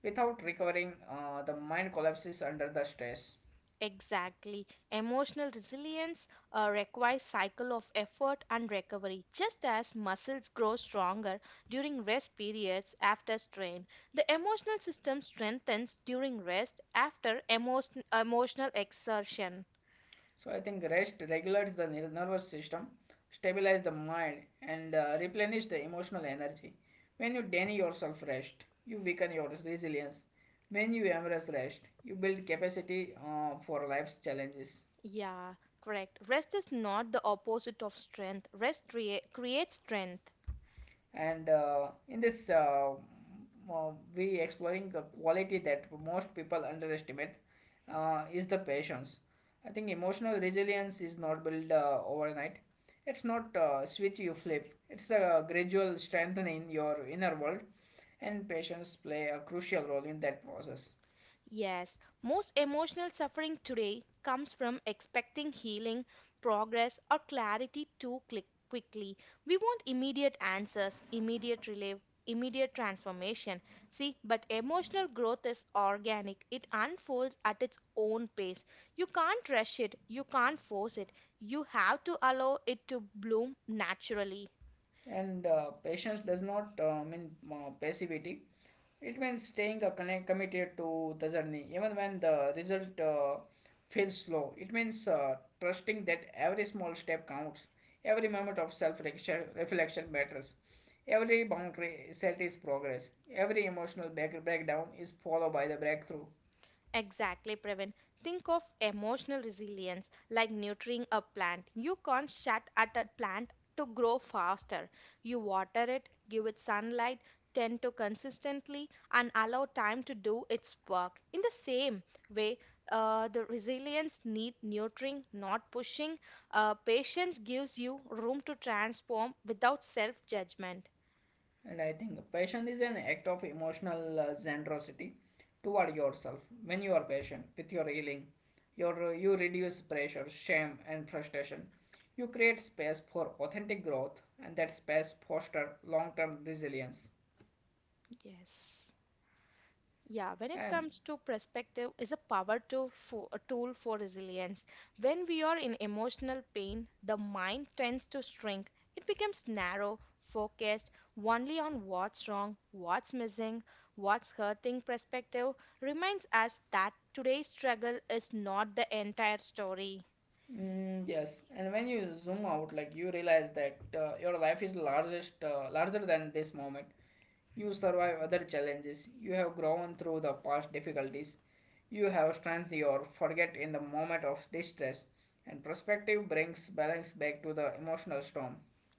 Without recovering, the mind collapses under the stress.
Exactly. Emotional resilience requires cycle of effort and recovery. Just as muscles grow stronger during rest periods after strain, the emotional system strengthens during rest after emotional exertion.
So I think rest regulates the nervous system, stabilize the mind, and replenish the emotional energy. When you deny yourself rest, you weaken your resilience. When you embrace rest, you build capacity for life's challenges.
Yeah, correct. Rest is not the opposite of strength. Creates strength.
And in this, we exploring the quality that most people underestimate is the patience. I think emotional resilience is not built overnight. It's not a switch you flip. It's a gradual strengthening your inner world, and patience play a crucial role in that process.
Yes, most emotional suffering today comes from expecting healing, progress, or clarity too click quickly. We want immediate answers, immediate relief, immediate transformation. See, but emotional growth is organic, it unfolds at its own pace. You can't rush it, you can't force it. You have to allow it to bloom naturally.
And patience does not mean passivity. It means staying connect, committed to the journey even when the result feels slow. It means trusting that every small step counts, every moment of self reflection matters, every boundary set is progress, every emotional breakdown is followed by the breakthrough.
Exactly, Pravin. Think of emotional resilience like nurturing a plant. You can't shut at a plant to grow faster. You water it, give it sunlight, tend to consistently, and allow time to do its work. In the same way, the resilience need nurturing, not pushing. Patience gives you room to transform without self-judgment.
And I think passion is an act of emotional generosity toward yourself. When you are patient with your healing, you reduce pressure, shame, and frustration. You create space for authentic growth, and that space foster long-term resilience.
Yes. Yeah, when it
And
comes to perspective is a power a tool for resilience. When we are in emotional pain, the mind tends to shrink. It becomes narrow, focused only on what's wrong, what's missing, what's hurting. Perspective reminds us that today's struggle is not the entire story.
mm, yes, and when you zoom out, like you realize that your life is larger than this moment. You survive other challenges. You have grown through the past difficulties. You have strength you forget in the moment of distress. And perspective brings balance back to the emotional storm.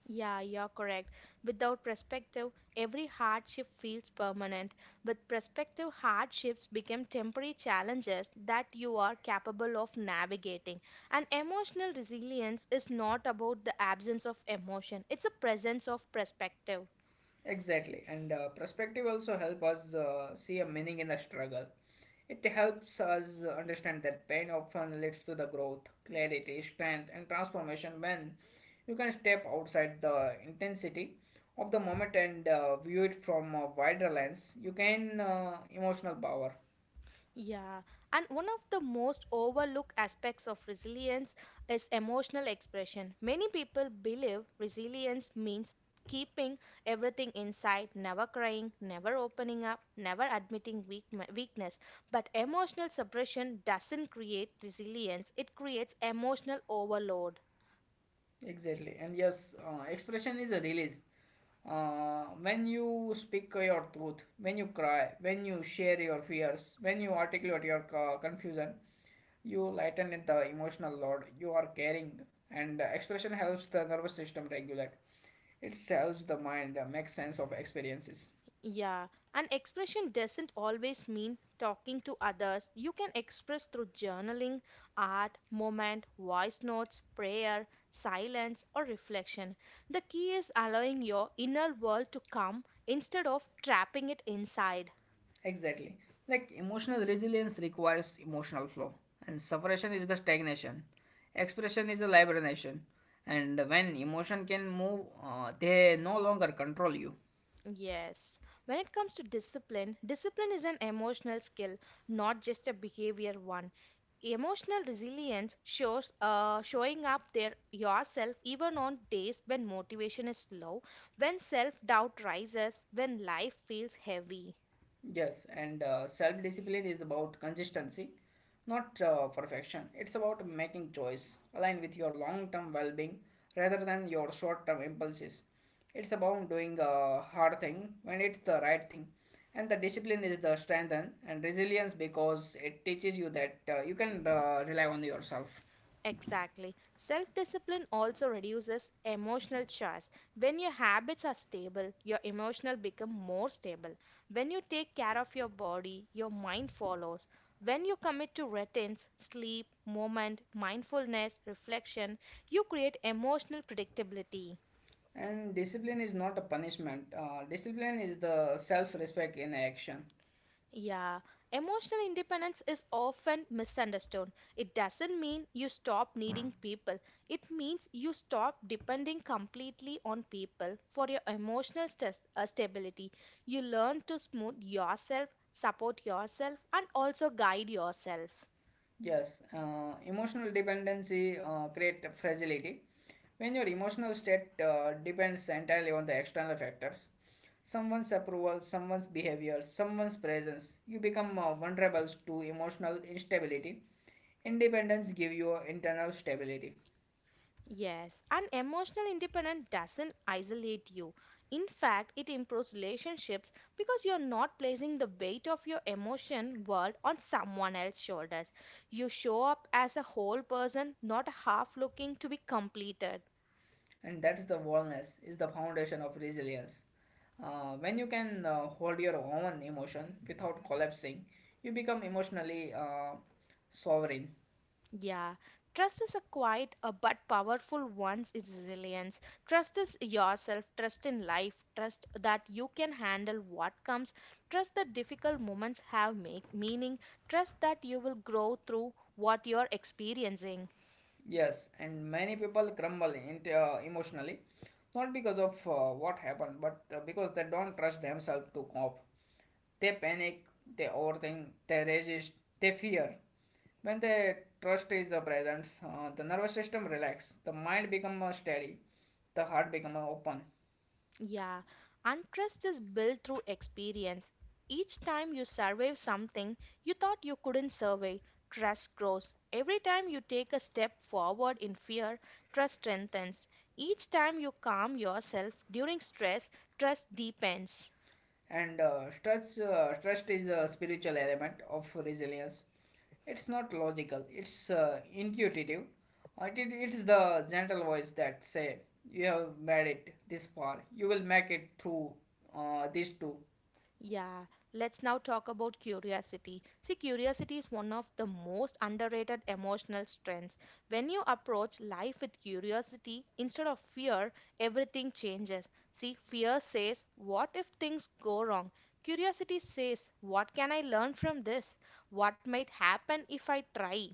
Yeah, you're correct. Without perspective, every hardship feels permanent. With perspective, hardships become temporary challenges that you are capable of navigating. And emotional resilience is not about the absence of emotion, it's a presence of perspective.
Exactly, and perspective also help us see a meaning in the struggle. It helps us understand that pain often leads to the growth, clarity, strength, and transformation when you can step outside the intensity of the moment and view it from a wider lens. You gain emotional power.
Yeah, and one of the most overlooked aspects of resilience is emotional expression. Many people believe resilience means keeping everything inside, never crying, never opening up, never admitting weakness. But emotional suppression doesn't create resilience, it creates emotional overload.
Exactly, and yes, expression is a release. When you speak your truth, when you cry, when you share your fears, when you articulate your confusion, you lighten it the emotional load you are carrying, and expression helps the nervous system regulate. It helps the mind make sense of experiences.
Yeah, and expression doesn't always mean talking to others. You can express through journaling, art, moment, voice notes, prayer, silence, or reflection. The key is allowing your inner world to come instead of trapping it inside.
Exactly. Like emotional resilience requires emotional flow, and suppression is the stagnation. Expression is the liberation, and when emotion can move, they no longer control you.
Yes. When it comes to discipline, discipline is an emotional skill, not just a behavior one. Emotional resilience shows showing up there yourself even on days when motivation is low, when self doubt rises, when life feels heavy.
Yes, and self discipline is about consistency, not perfection. It's about making choice aligned with your long term well being rather than your short term impulses. It's about doing a hard thing when it's the right thing. And the discipline is the strength and resilience because it teaches you that you can rely on yourself.
Exactly. Self discipline also reduces emotional stress. When your habits are stable, your emotional become more stable. When you take care of your body, your mind follows. When you commit to routines, sleep, movement, mindfulness, reflection, you create emotional predictability.
And discipline is not a punishment, discipline is the self respect in action.
Yeah, emotional independence is often misunderstood. It doesn't mean you stop needing people. It means you stop depending completely on people for your emotional stability. You learn to smooth yourself, support yourself, and also guide yourself.
Yes, emotional dependency create fragility. When your emotional state depends entirely on the external factors, someone's approval, someone's behavior, someone's presence, you become vulnerable to emotional instability. Independence give you internal stability,
Yes, and emotional independence doesn't isolate you. In fact, it improves relationships because you're not placing the weight of your emotion world on someone else's shoulders. You show up as a whole person, not half looking to be completed.
and that's the wellness is the foundation of resilience. When you can hold your own emotion without collapsing, you become emotionally sovereign.
Yeah, trust is a quiet but powerful one's is resilience. Trust is yourself, trust in life, trust that you can handle what comes, trust that difficult moments have make meaning, trust that you will grow through what you're experiencing.
Yes, and many people crumble into, emotionally, not because of what happened, but because they don't trust themselves to cope. They panic, they overthink, they resist, they fear. When the trust is present, the nervous system relaxes, the mind becomes steady, the heart becomes open.
Yeah, and trust is built through experience. Each time you survive something you thought you couldn't survive, trust grows. Every time you take a step forward in fear, trust strengthens. Each time you calm yourself during stress, trust deepens.
And trust is a spiritual element of resilience. It's not logical. It's intuitive. It is the gentle voice that say, "You have made it this far. You will make it through this too."
Yeah, let's now talk about curiosity. See, curiosity is one of the most underrated emotional strengths. When you approach life with curiosity instead of fear, everything changes. See, fear says, "What if things go wrong?" Curiosity says, "What can I learn from this? What might happen if I try?"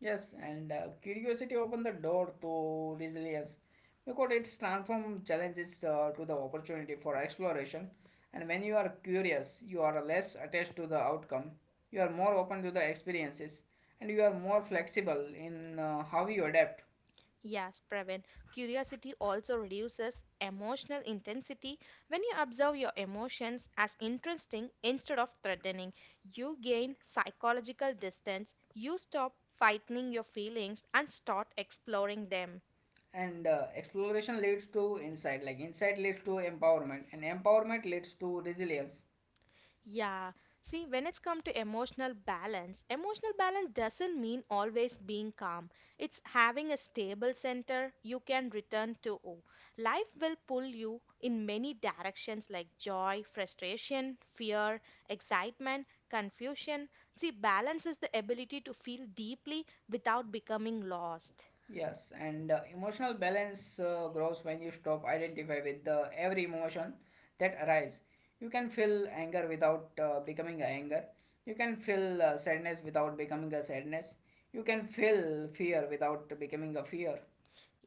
Yes, and curiosity opened the door to resilience because it's transformed challenges to the opportunity for exploration. And when you are curious, you are less attached to the outcome, you are more open to the experiences, and you are more flexible in how you adapt.
Yes, Praveen. Curiosity also reduces emotional intensity. When you observe your emotions as interesting instead of threatening, you gain psychological distance. You stop fighting your feelings and start exploring them.
And exploration leads to insight, like insight leads to empowerment, and empowerment leads to resilience.
Yeah, see, when it's come to emotional balance doesn't mean always being calm. It's having a stable center you can return to. Life will pull you in many directions like joy, frustration, fear, excitement, confusion. See, balance is the ability to feel deeply without becoming lost.
Yes, and emotional balance grows when you stop identify with the every emotion that arise. You can feel anger without becoming a anger. You can feel sadness without becoming a sadness. You can feel fear without becoming a fear.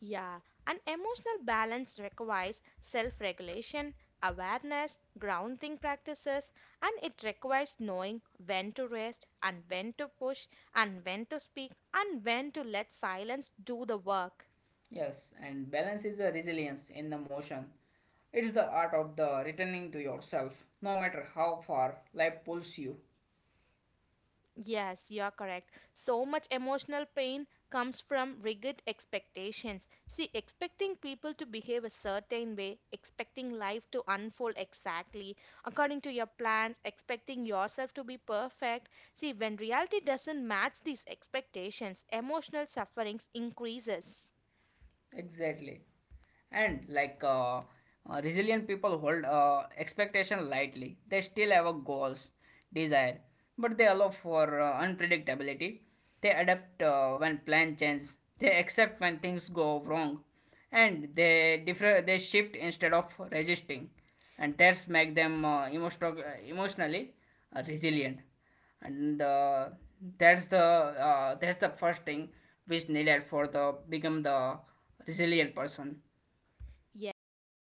Yeah, and emotional balance requires self regulation, awareness, grounding practices, and it requires knowing when to rest and when to push and when to speak and when to let silence do the work.
Yes, and balance is a resilience in the motion. It's the art of the returning to yourself, no matter how far life pulls you.
Yes, you are correct. So much emotional pain comes from rigid expectations. See, expecting people to behave a certain way, expecting life to unfold exactly according to your plans, expecting yourself to be perfect. See, when reality doesn't match these expectations, emotional sufferings increases.
Exactly. And like resilient people hold expectation lightly. They still have a goals, desire, but they allow for unpredictability. They adapt when plan change. They accept when things go wrong, and they differ. They shift instead of resisting, and that's make them emotionally resilient, and that's the that's the first thing which needed for the become the resilient person
Yes, we have